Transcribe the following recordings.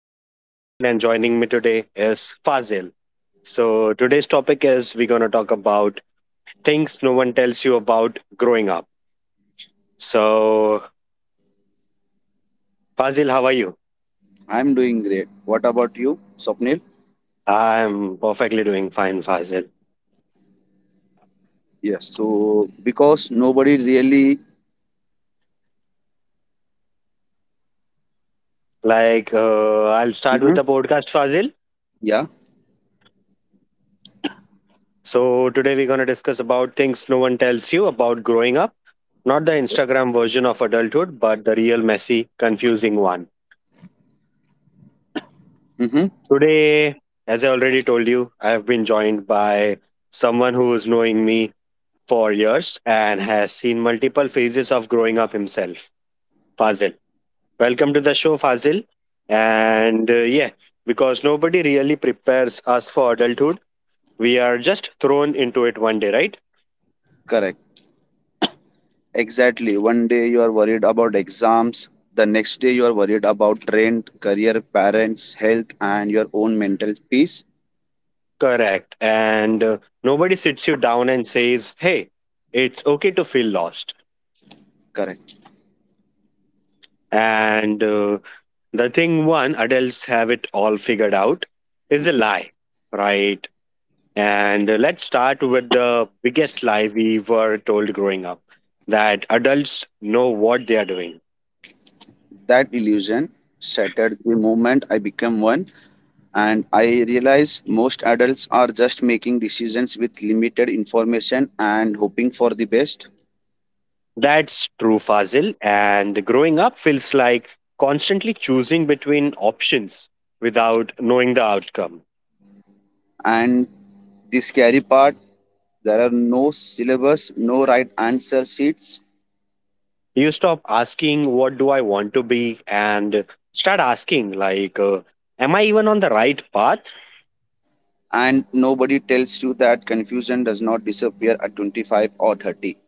I am Swapnil, and joining me today is Fazil. Today's topic is we're going to talk about things no one tells you about growing up. So, Fazil, how are you? I'm doing great. What about you, Swapnil? I'm perfectly doing fine, Fazil. Yes. So because nobody really. I'll start with Hmm. the podcast, Fazil. Yeah. So, today we're going to discuss about things no one tells you about growing up. Not the Instagram version of adulthood, but the real messy, confusing one. Hmm. Today, as I already told you, I have been joined by someone who is knowing me for years and has seen multiple phases of growing up himself, Fazil. Welcome to the show, Fazil. And uh, yeah, because nobody really prepares us for adulthood, we are just thrown into it one day, right? Correct. Exactly. One day you are worried about exams. The next day you are worried about rent, career, parents, health, and your own mental peace. Correct. And Nobody sits you down and says, hey, it's okay to feel lost. Correct. And The thing one adults have it all figured out is a Hmm. lie, right? And Let's start with the biggest lie we were told growing up, that adults know what they are doing. That illusion shattered the moment I became one, and I realized most adults are just making decisions with limited information and hoping for the best. That's true, Fazil. And growing up feels like constantly choosing between options without knowing the outcome. And the scary part, there are no syllabus, no right answer sheets, You stop asking, what do I want to be? And start asking, am I even on the right path? and nobody tells you that confusion does not disappear at 25 or 30.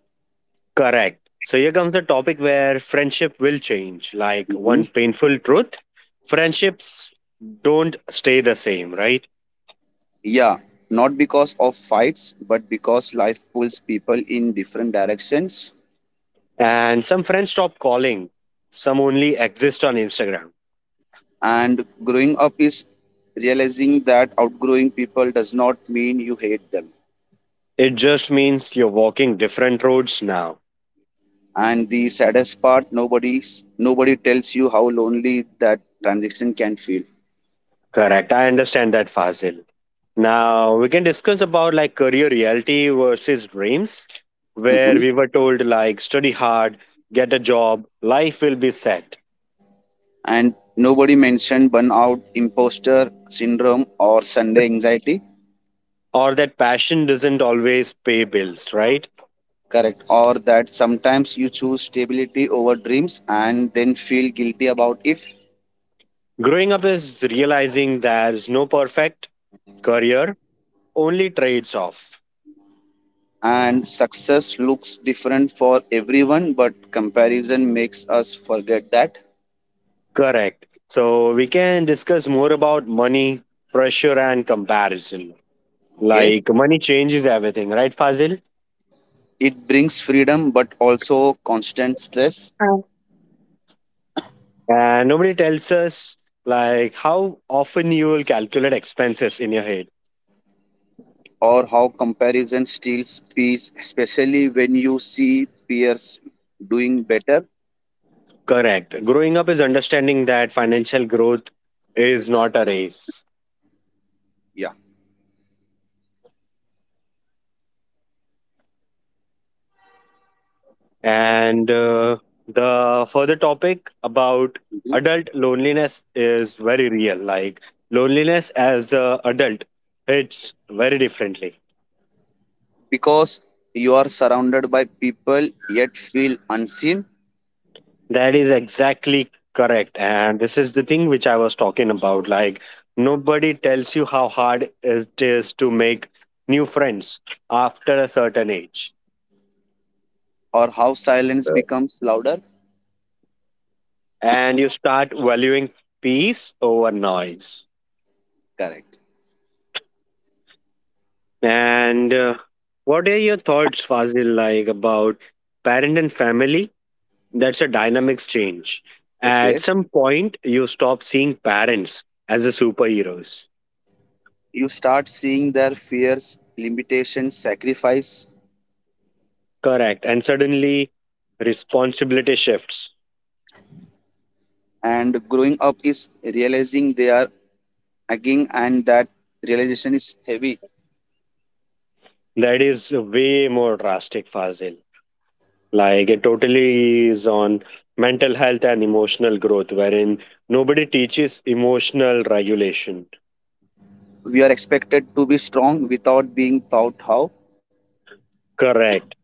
Correct. So here comes the topic where friendship will change. Like, one Mhm. painful truth, friendships don't stay the same, right? Yeah, not because of fights, but because life pulls people in different directions. And some friends stop calling, some only exist on Instagram. And growing up is realizing that outgrowing people does not mean you hate them. It just means you're walking different roads now. And the saddest part, nobody tells you how lonely that transition can Correct. I understand that, Fazil. Now we can discuss about like career reality versus dreams, where feel. we were told like study hard, get a job, life will be set. And nobody mentioned burnout, imposter syndrome, or Sunday anxiety. Or that passion doesn't always pay bills, right? Correct. Or that sometimes you choose stability over dreams and then feel guilty about it. Growing up is realizing there's no perfect career, only trades off. And success looks different for everyone, but comparison makes us forget that. Correct. So we can discuss more about money, pressure, and comparison. Okay. Like, money changes everything, right, Fazil? It brings freedom, but also constant stress, And nobody tells us like how often you will calculate expenses in your head. or how comparison steals peace, especially when you see peers doing better. Correct. Growing up is understanding that financial growth is not a race. Yeah. And The further topic about Mm-hmm. adult loneliness is very real. Like, loneliness as a adult hits very differently. Because you are surrounded by people yet feel unseen, That is exactly correct. And this is the thing which I was talking about. Like, nobody tells you how hard it is to make new friends after a certain age. or how silence Yeah. becomes louder. And you start valuing peace over noise. Correct. And What are your thoughts, Fazil, like about parent and family? That's a dynamic change. At Okay. some point, you stop seeing parents as the superheroes. You start seeing their fears, limitations, sacrifice. Correct. And suddenly, responsibility shifts. And growing up is realizing they are again, and that realization is heavy. That is way more drastic, Fazil. Like, it totally is on mental health and emotional growth, wherein nobody teaches emotional regulation. We are expected to be strong without being taught how, Correct.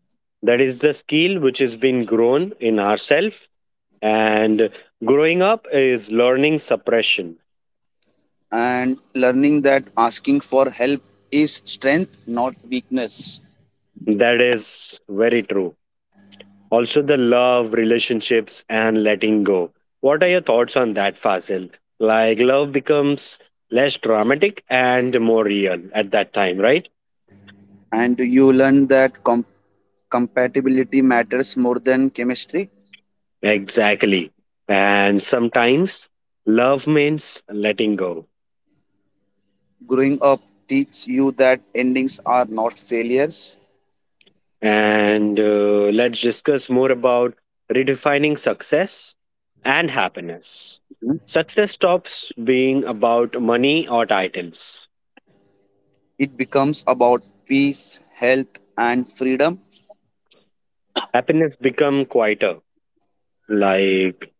That is the skill which has been grown in ourselves. And growing up is learning suppression. and learning that asking for help is strength, not weakness. That is very true. Also, the love, relationships, and letting go. What are your Mhm. thoughts on that, Fasil? Like, love becomes less dramatic and more real at that time, right? And you learn that compatibility matters more than chemistry. Exactly. And sometimes love means letting go. Growing up teaches you that endings are not failures. And Let's discuss more about redefining success and happiness. Mhm. Success stops being about money or titles. It becomes about peace, health, and freedom. Happiness become quieter, like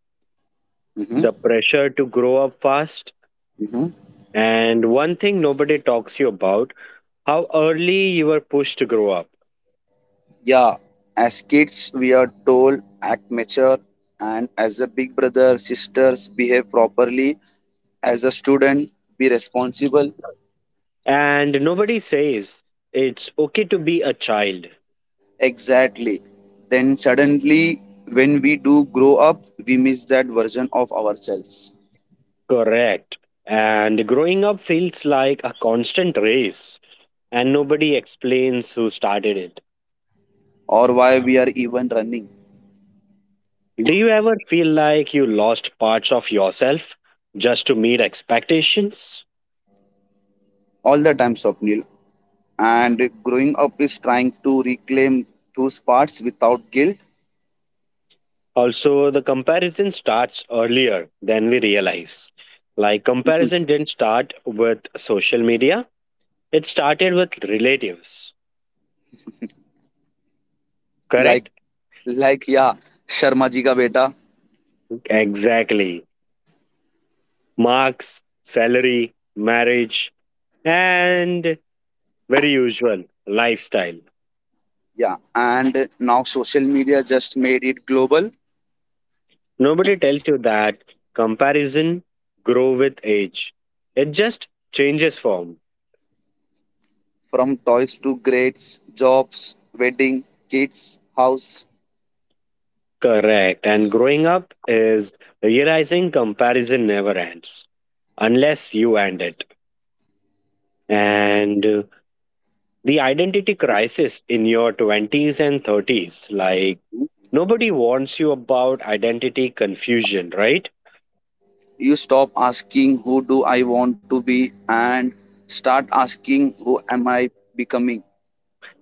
Mhm. the pressure to grow up fast. Mhm. And one thing nobody talks you about, how early you were pushed to grow up. Yeah, as kids, we are told act mature, and as a big brother, sisters behave properly. As a student, be responsible. And nobody says it's okay to be a child. Exactly. Then suddenly, when we do grow up, we miss that version of ourselves. Correct. And growing up feels like a constant race and nobody explains who started it. Or why we are even running. Do you ever feel like you lost parts of yourself just to meet expectations? All the time, Swapnil. And growing up is trying to reclaim those parts without guilt. Also, the comparison starts earlier than we realize. Like, comparison didn't start with social media, it started with relatives, like, correct? like, yeah, Sharma ji ka beta. Exactly. Marks, salary, marriage, and very usual lifestyle. Yeah, and now social media just made it global. Nobody tells you that comparison grow with age. It just changes form. From toys to grades, jobs, wedding, kids, house. Correct. And growing up is realizing comparison never ends unless you end it. And The identity crisis in your 20s and 30s, like, nobody warns you about identity confusion, right? You stop asking who do I want to be, and start asking who am I becoming.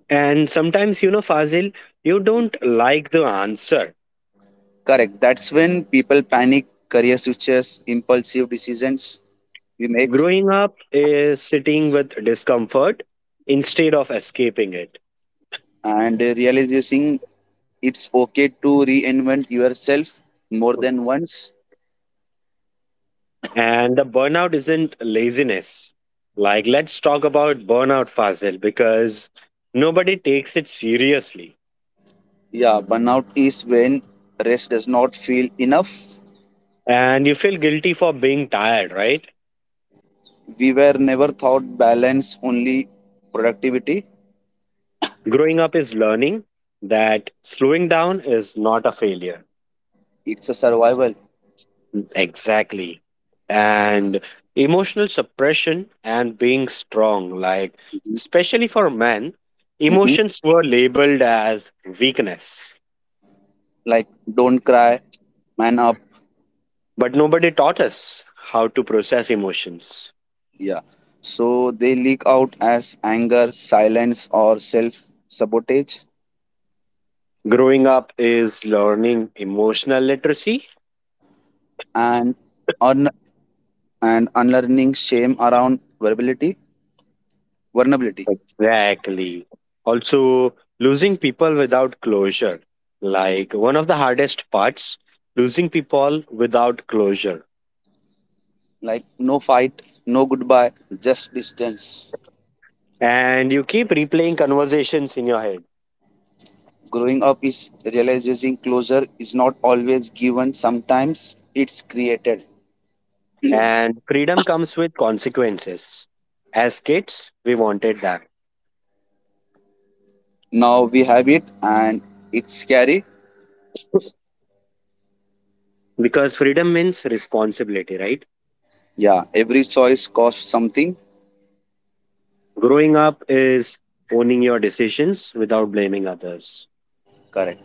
And sometimes you know, Fazil, you don't like the answer. Correct. That's when people panic, career switches, impulsive decisions we make, Growing up is sitting with discomfort instead of escaping it. and realizing it's okay to reinvent yourself more than once. And the burnout isn't laziness. Like, let's talk about burnout, Fazil, because nobody takes it seriously. Yeah, burnout is when rest does not feel enough. And you feel guilty for being tired, right? We were never taught balance, only productivity. Growing up is learning that slowing down is not a failure. It's a survival. Exactly. And emotional suppression and being strong, like, especially for men, Hmm. emotions were labeled as weakness. Like, don't cry, man up. But nobody taught us how to process emotions. Yeah. So they leak out as anger, silence, or self sabotage. Growing up is learning emotional literacy. And un- unlearning shame around vulnerability. Exactly. Also, losing people without closure. Like, one of the hardest parts, losing people without closure, Like no fight, no goodbye, just distance. and you keep replaying conversations in your head. Growing up is realizing closure is not always given, sometimes it's created. And freedom comes with consequences. As kids, we wanted that, Now we have it, and it's scary. because freedom means responsibility, right? Yeah, every choice costs something. Growing up is owning your decisions without blaming others. Correct.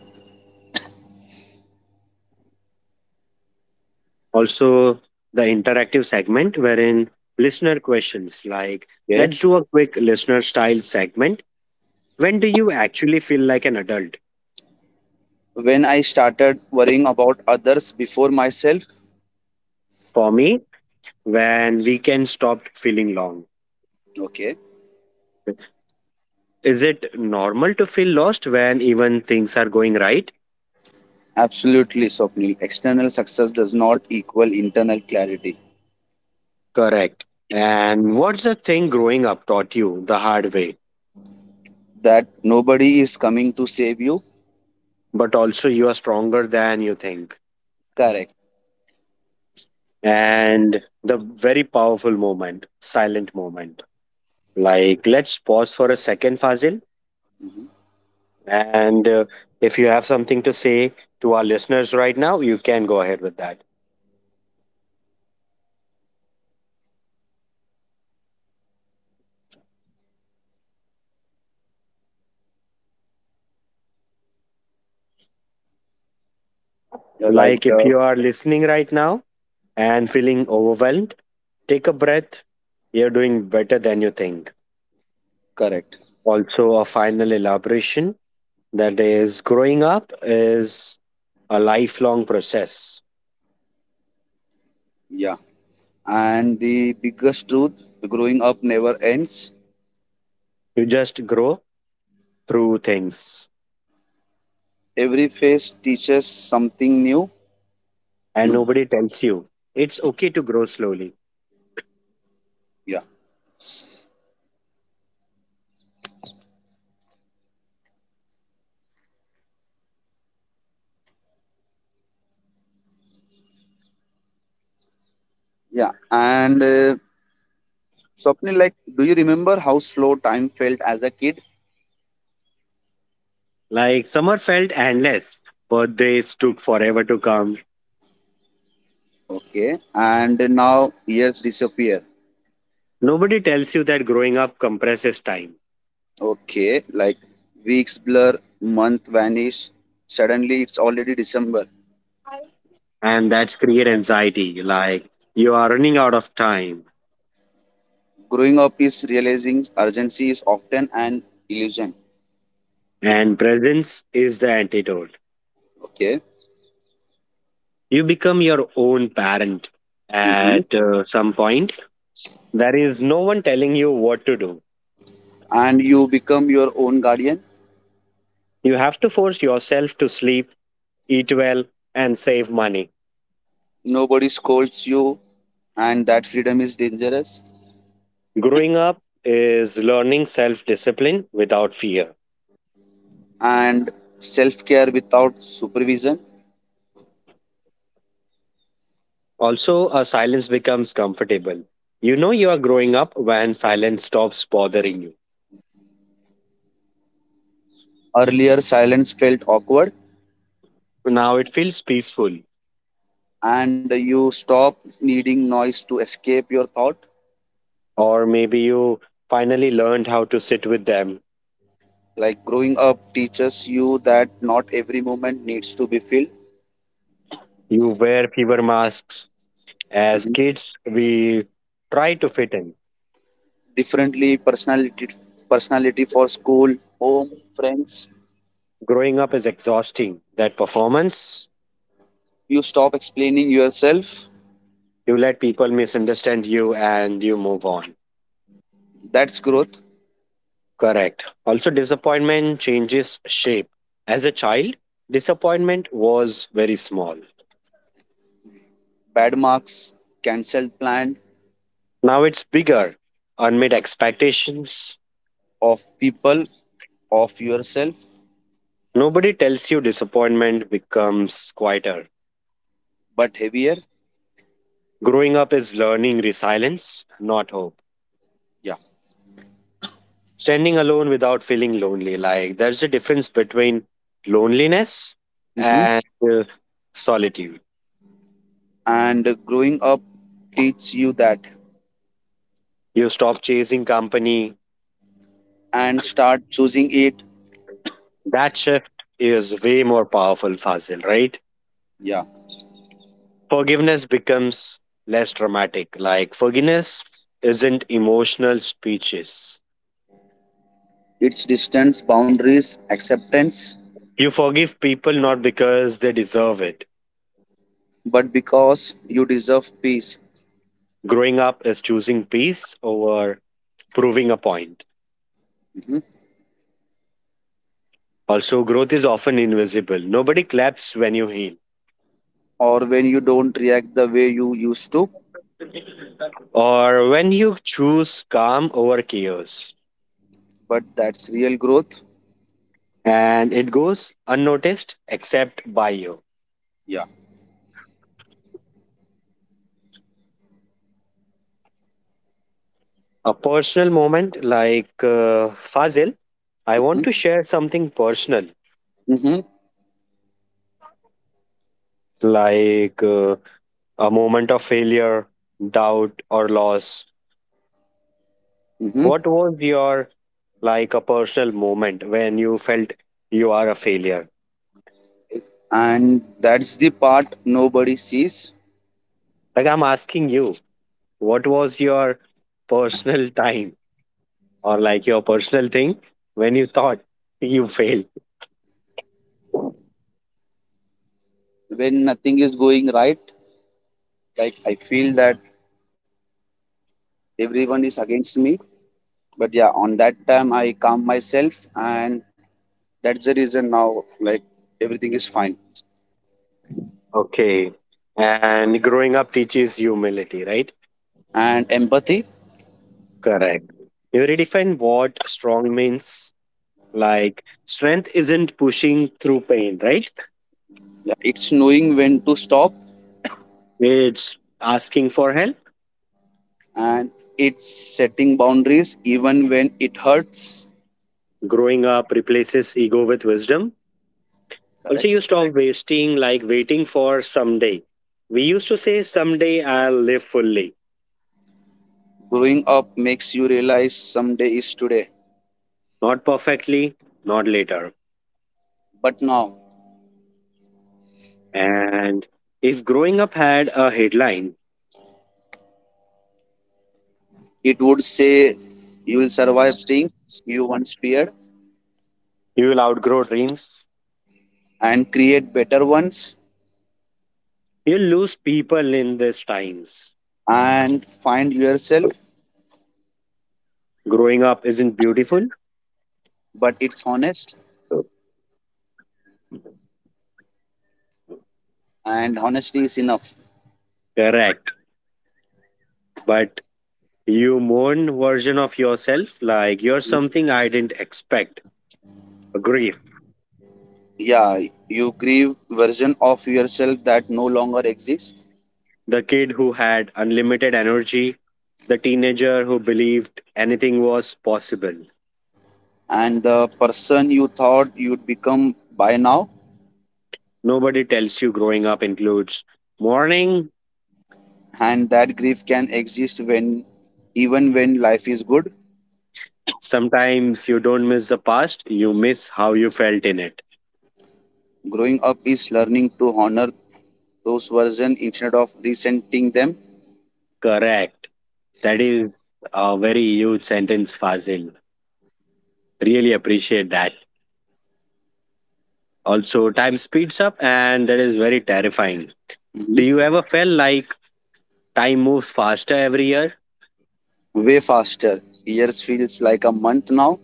Also, the interactive segment wherein listener questions, like, Okay. let's do a quick listener style segment. When do you actually feel like an adult? When I started worrying about others before myself. For me, when weekends stopped feeling long. Okay. Is it normal to feel lost when even things are going right? Absolutely, Swapnil. External success does not equal internal clarity. Correct. And what's the thing growing up taught you the hard way, That nobody is coming to save you. but also you are stronger than you think? Correct. And the very powerful moment, silent moment. Like, let's pause for a second, Fazil. And If you have something to say to our listeners right now, you can go ahead with that. Yeah, like Like, if uh, you are listening right now and feeling overwhelmed, take a breath. You're doing better than you think. Correct. Also, a final elaboration, that is, growing up is a lifelong process. Yeah, and the biggest truth, growing up never ends. You just grow through things, Every phase teaches something new. and nobody tells you it's okay to grow slowly. Yeah, yeah, and something like, do you remember how slow time felt as a kid? Like, summer felt endless, birthdays took forever to come. Okay, and now years disappear. Nobody tells you that growing up compresses time, Okay, like, weeks blur, month vanish, suddenly it's already December. and that's create anxiety. Like, you are running out of time, Growing up is realizing urgency is often an illusion. and presence is the antidote. Okay. You become your own parent Hmm. at some point. There is no one telling you what to do. And you become your own guardian. You have to force yourself to sleep, eat well, and save money. Nobody scolds you, and that freedom is dangerous. Growing up is learning self discipline without fear. And self care without supervision. Also, a silence becomes comfortable. You know you are growing up when silence stops bothering you. Earlier, silence felt awkward, Now it feels peaceful. and you stop needing noise to escape your thought. Or maybe you finally learned how to sit with them. Like, growing up teaches you that not every moment needs to be filled. You wear fever masks. As Mhm. kids, we try to fit in. Differently, personality for school, home, friends. Growing up is exhausting. That performance. You stop explaining yourself. You let people misunderstand you and you move on. That's growth. Correct. Also, disappointment changes shape. As a child, disappointment was very small. Bad marks, cancelled plan, Now it's bigger. Unmet expectations. of people, of yourself, Nobody tells you disappointment becomes quieter. but heavier. Growing up is learning resilience, not hope. Yeah. Standing alone without feeling lonely. Like, there's a difference between loneliness Hmm. and solitude. And growing up teach you that, You stop chasing company. and start choosing it. That shift is way more powerful, Fazil, right? Yeah. Forgiveness becomes less dramatic. Like, forgiveness isn't emotional speeches. It's distance, boundaries, acceptance, You forgive people not because they deserve it. but because you deserve peace. Growing up is choosing peace over proving a point. Mhm. Also, growth is often invisible. Nobody claps when you heal, Or when you don't react the way you used to, or when you choose calm over chaos. but that's real growth. And it goes unnoticed except by you. Yeah. A personal moment, like Fazil, I Hmm. want to share something personal, Hmm. like a moment of failure, doubt, or loss. Hmm. What was your, like, a personal moment when you felt you are a failure? And that's the part nobody sees. Like, I'm asking you, what was your personal time, or like your personal thing, when you thought you failed? Okay. When nothing is going right, like I feel that everyone is against me. But yeah, on that time I calm myself, and that's the reason now, like, everything is fine. And growing up teaches humility, right? And empathy. Correct. You redefine what strong means. Like, strength isn't pushing through pain, right? Yeah, it's knowing when to stop, It's asking for help. and it's setting boundaries, even when it hurts. Growing up replaces ego with wisdom. Also, Correct. you stop wasting like waiting for someday. We used to say someday I'll live fully, Growing up makes you realize someday is today. not perfectly, not later. But now. And if growing up had a headline, It would say you will survive things you once feared, you will outgrow dreams. and create better ones, You'll lose people in these times. and find yourself. Growing up isn't beautiful. But it's honest, and honesty is enough. Correct. But you mourn version of yourself, like you're something I didn't expect. A grief. Yeah, you grieve version of yourself that no longer exists, The kid who had unlimited energy, the teenager who believed anything was possible. and the person you thought you'd become by now. Nobody tells you growing up includes mourning. And that grief can exist when, even when life is good. Sometimes you don't miss the past, you miss how you felt in it. Growing up is learning to honor those versions instead of resenting them. Correct. That is a very huge sentence, Fazil. Really appreciate that. Also, time speeds up, and that is very terrifying. Do you Mhm. ever feel like time moves faster every year? Way faster, years feels like a month now.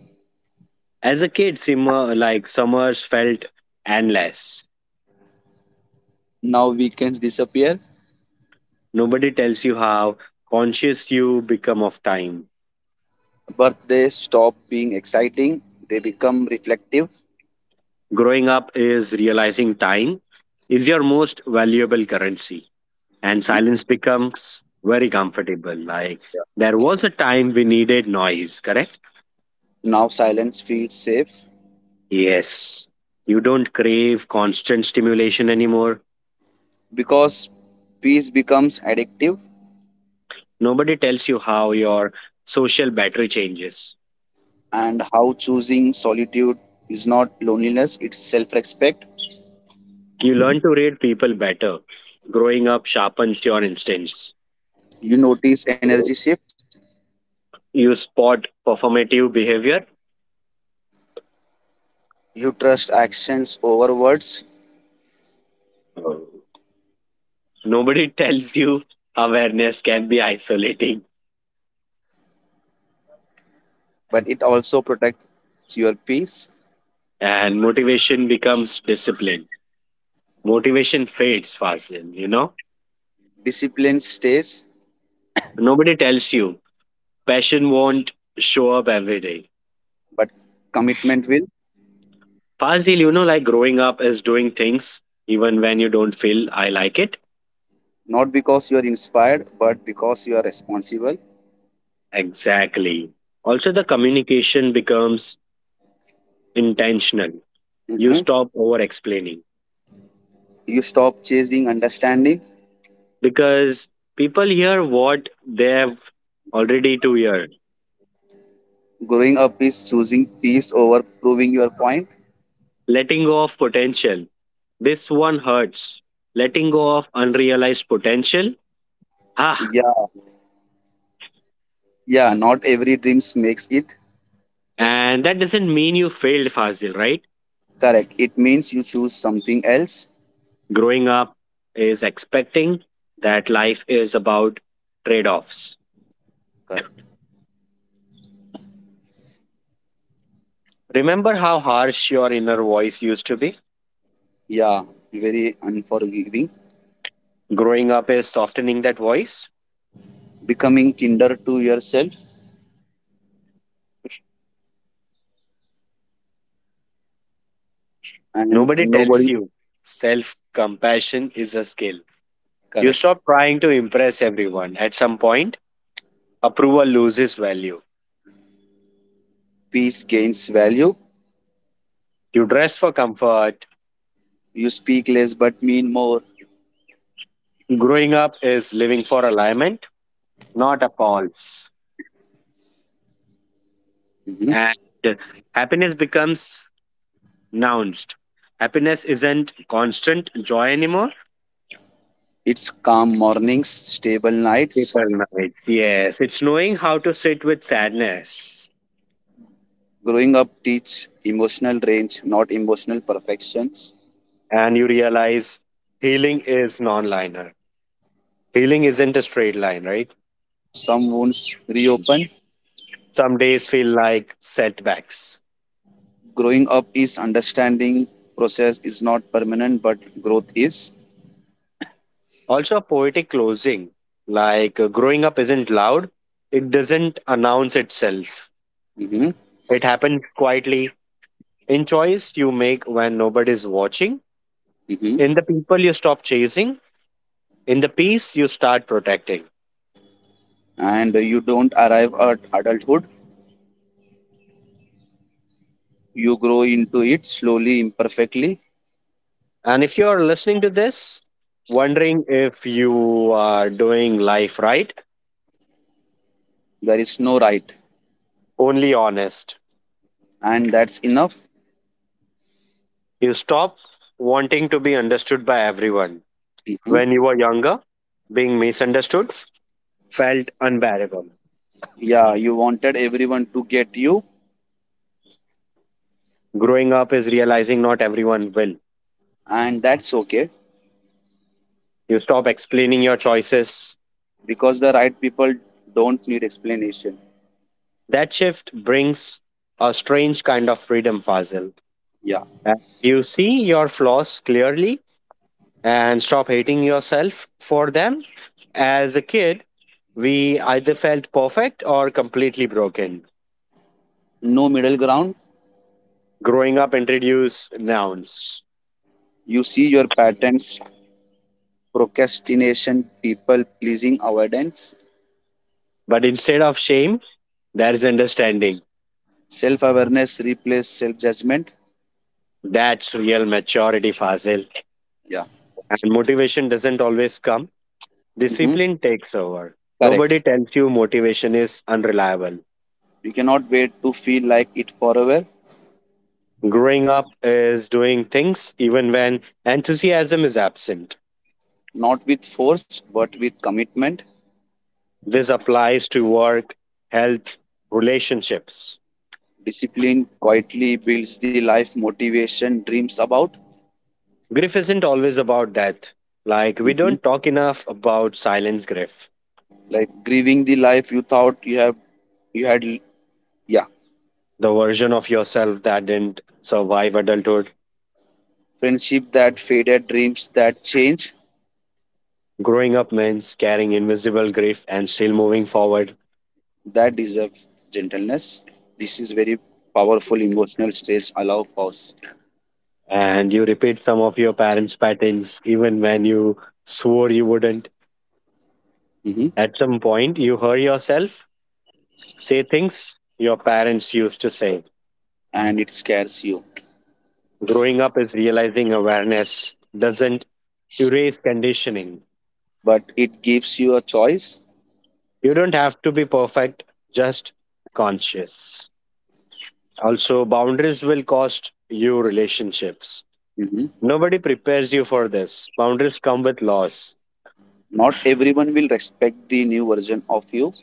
As a kid, summer, like summers felt endless. Now weekends disappear. Nobody tells you how conscious you become of time. Birthdays stop being exciting, they become reflective. Growing up is realizing time is your most valuable currency, and Mhm. silence becomes very comfortable. Like, Yeah. there was a time we needed noise, correct? Now silence feels safe, Yes. You don't crave constant stimulation anymore. because peace becomes addictive, Nobody tells you how your social battery changes. and how choosing solitude is not loneliness, it's self respect. You learn to read people better. Growing up sharpens your instincts. You notice energy shifts, You spot performative behavior. you trust actions over words, So, Nobody tells you awareness can be isolating, but it also protects your peace. and motivation becomes discipline. Motivation fades, Fazil, you know? Discipline stays, Nobody tells you. Passion won't show up every day. but commitment will. Fazil, you know, like growing up is doing things even when you don't feel I like it. Not because you are inspired, but because you are responsible. Exactly. Also, the communication becomes intentional. You Mhm. stop over explaining You stop chasing understanding. because people hear what they have already to hear. Growing up is choosing peace over proving your point. Letting go of potential. This one hurts. Letting go of unrealized potential. Ah, Yeah, yeah, not every dreams makes it. and that doesn't mean you failed, Fazil, right? Correct. It means you choose something else. Growing up is expecting that life is about trade offs. Correct. Remember how harsh your inner voice used to be? Yeah, very unforgiving. Growing up is softening that voice. Becoming kinder to yourself, and Nobody tells nobody. you self compassion is a skill. You Correct. stop trying to impress everyone. At some point, approval loses value. Peace gains value. You dress for comfort. You speak less but mean more. Growing up is living for alignment, not applause. Mhm. And happiness becomes nounced. Happiness isn't constant joy anymore. It's calm mornings, stable nights. Paper nights. Yes, it's knowing how to sit with sadness. Growing up teach emotional range, not emotional perfections. And you realize healing is non linear. Healing isn't a straight line, right? Some wounds reopen, Some days feel like setbacks. growing up is understanding process is not permanent, but growth is. Also, a poetic closing like growing up isn't loud, it doesn't announce itself. Hmm. It happens quietly in choice you make when nobody's watching, Hmm. in the people you stop chasing, in the peace you start protecting. And you don't arrive at adulthood, you grow into it slowly, imperfectly. And if you're listening to this, wondering if you are doing life right, There is no right, only honest. and that's enough. You stop wanting to be understood by everyone. Hmm. When you were younger, being misunderstood felt unbearable. Yeah, you wanted everyone to get you, Growing up is realizing not everyone will. and that's okay. You stop explaining your choices. Because the right people don't need explanation. That shift brings a strange kind of freedom, Fazil. Yeah, Uh, You see your flaws clearly and stop hating yourself for them. As a kid, we either felt perfect or completely broken. no middle ground. Growing up introduced nouns. You see your patterns, procrastination, people pleasing, avoidance. But instead of shame, there is understanding. Self awareness replaces self judgment. That's real maturity, Fazil. Yeah. And motivation doesn't always come, Hmm. discipline takes over. Correct. Nobody tells you motivation is unreliable. You cannot wait to feel like it forever, Growing up is doing things even when enthusiasm is absent. not with force, but with commitment. This applies to work, health, relationships. Discipline quietly builds the life motivation dreams about. Grief isn't always about death. Like, we Mhm. don't talk enough about silence grief, Like, grieving the life you thought you had. Yeah. the version of yourself that didn't survive adulthood. Friendship that faded, dreams that change, Growing up means carrying invisible grief and still moving forward. that deserve gentleness. This is very powerful emotional stage. Allow pause. And you repeat some of your parents' patterns even when you swore you wouldn't. Mhm. At some point, you hear yourself say things your parents used to say. And it scares you, Growing up is realizing awareness doesn't erase conditioning. but it gives you a choice. You don't have to be perfect, just conscious. Also, boundaries will cost you relationships. Hmm. Nobody prepares you for this. Boundaries come with loss. Not everyone will respect the new version of you.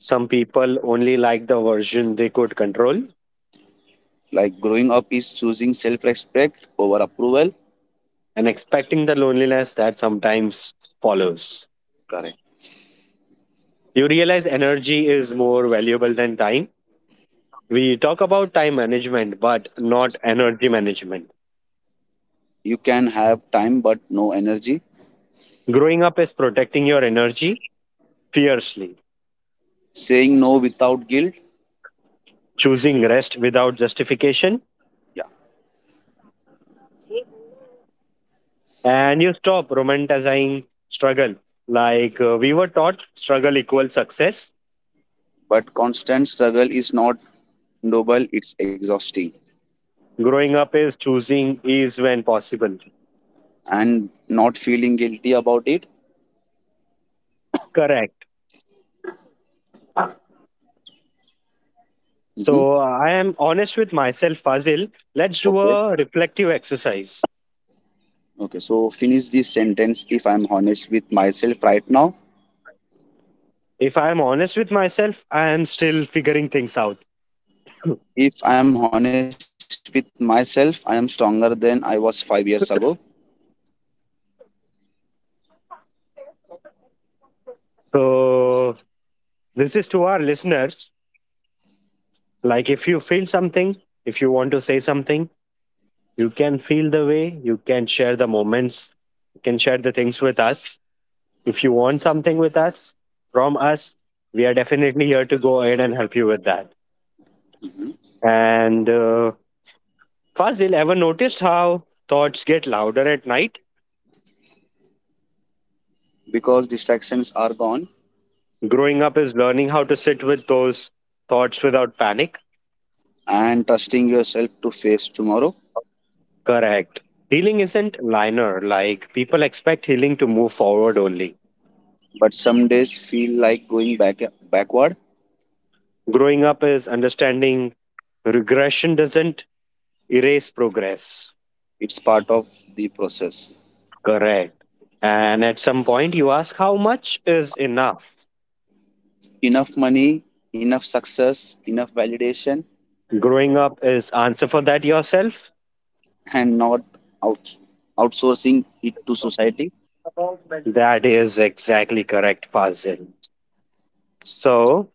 Some people only like the version they could control Like, growing up is choosing self respect over approval. and expecting the loneliness that sometimes follows. Correct. You realize energy is more valuable than time. We talk about time management, but not energy management. You can have time but no energy. Growing up is protecting your energy fiercely, Saying no without guilt. choosing rest without justification, Yeah. and you stop romanticizing struggle. Like we were taught, struggle equals success. But constant struggle is not noble, it's exhausting. Growing up is choosing ease when possible. And not feeling guilty about it. Correct. Hmm. So I am honest with myself, Fazil. Let's do Okay. a reflective exercise. Okay. So finish this sentence, if I'm honest with myself right now. If I am honest with myself, I am still figuring things out. If I am honest with myself, I am stronger than I was 5 years ago. So this is to our listeners. Like if you feel something, if you want to say something, you can feel the way, you can share the moments, you can share the things with us. If you want something with us, from us, we are definitely here to go ahead and help you with that. Hmm. And Fazil, ever noticed how thoughts get louder at night? Because distractions are gone, Growing up is learning how to sit with those thoughts without panic. and trusting yourself to face tomorrow. Correct. Healing isn't linear, like people expect healing to move forward only. But some days feel like going backward. Growing up is understanding regression doesn't erase progress. It's part of the process. Correct. And at some point, you ask how much is enough. Enough money, enough success, enough validation, Growing up is answer for that yourself. and not out, outsourcing it to society. That is exactly correct, Fazil. So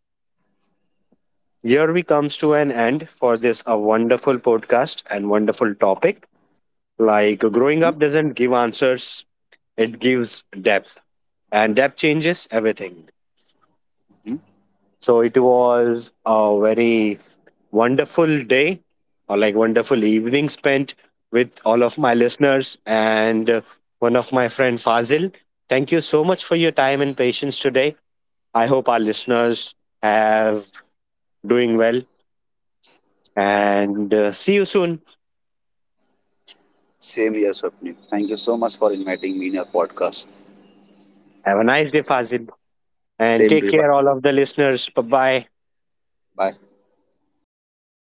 here we comes to an end for this a wonderful podcast and wonderful topic. Like growing Hmm. up doesn't give answers; it gives depth, and depth changes everything. Hmm. So it was a very wonderful day or like wonderful evening spent with all of my listeners and one of my friend Fazil. Thank you so much for your time and patience today. I hope our listeners have doing well and see you soon. Same here, Swapnil. Thank you so much for inviting me in your podcast. Have a nice day Fazil and Same to take you. Bye. care all of the listeners. Bye bye. Bye.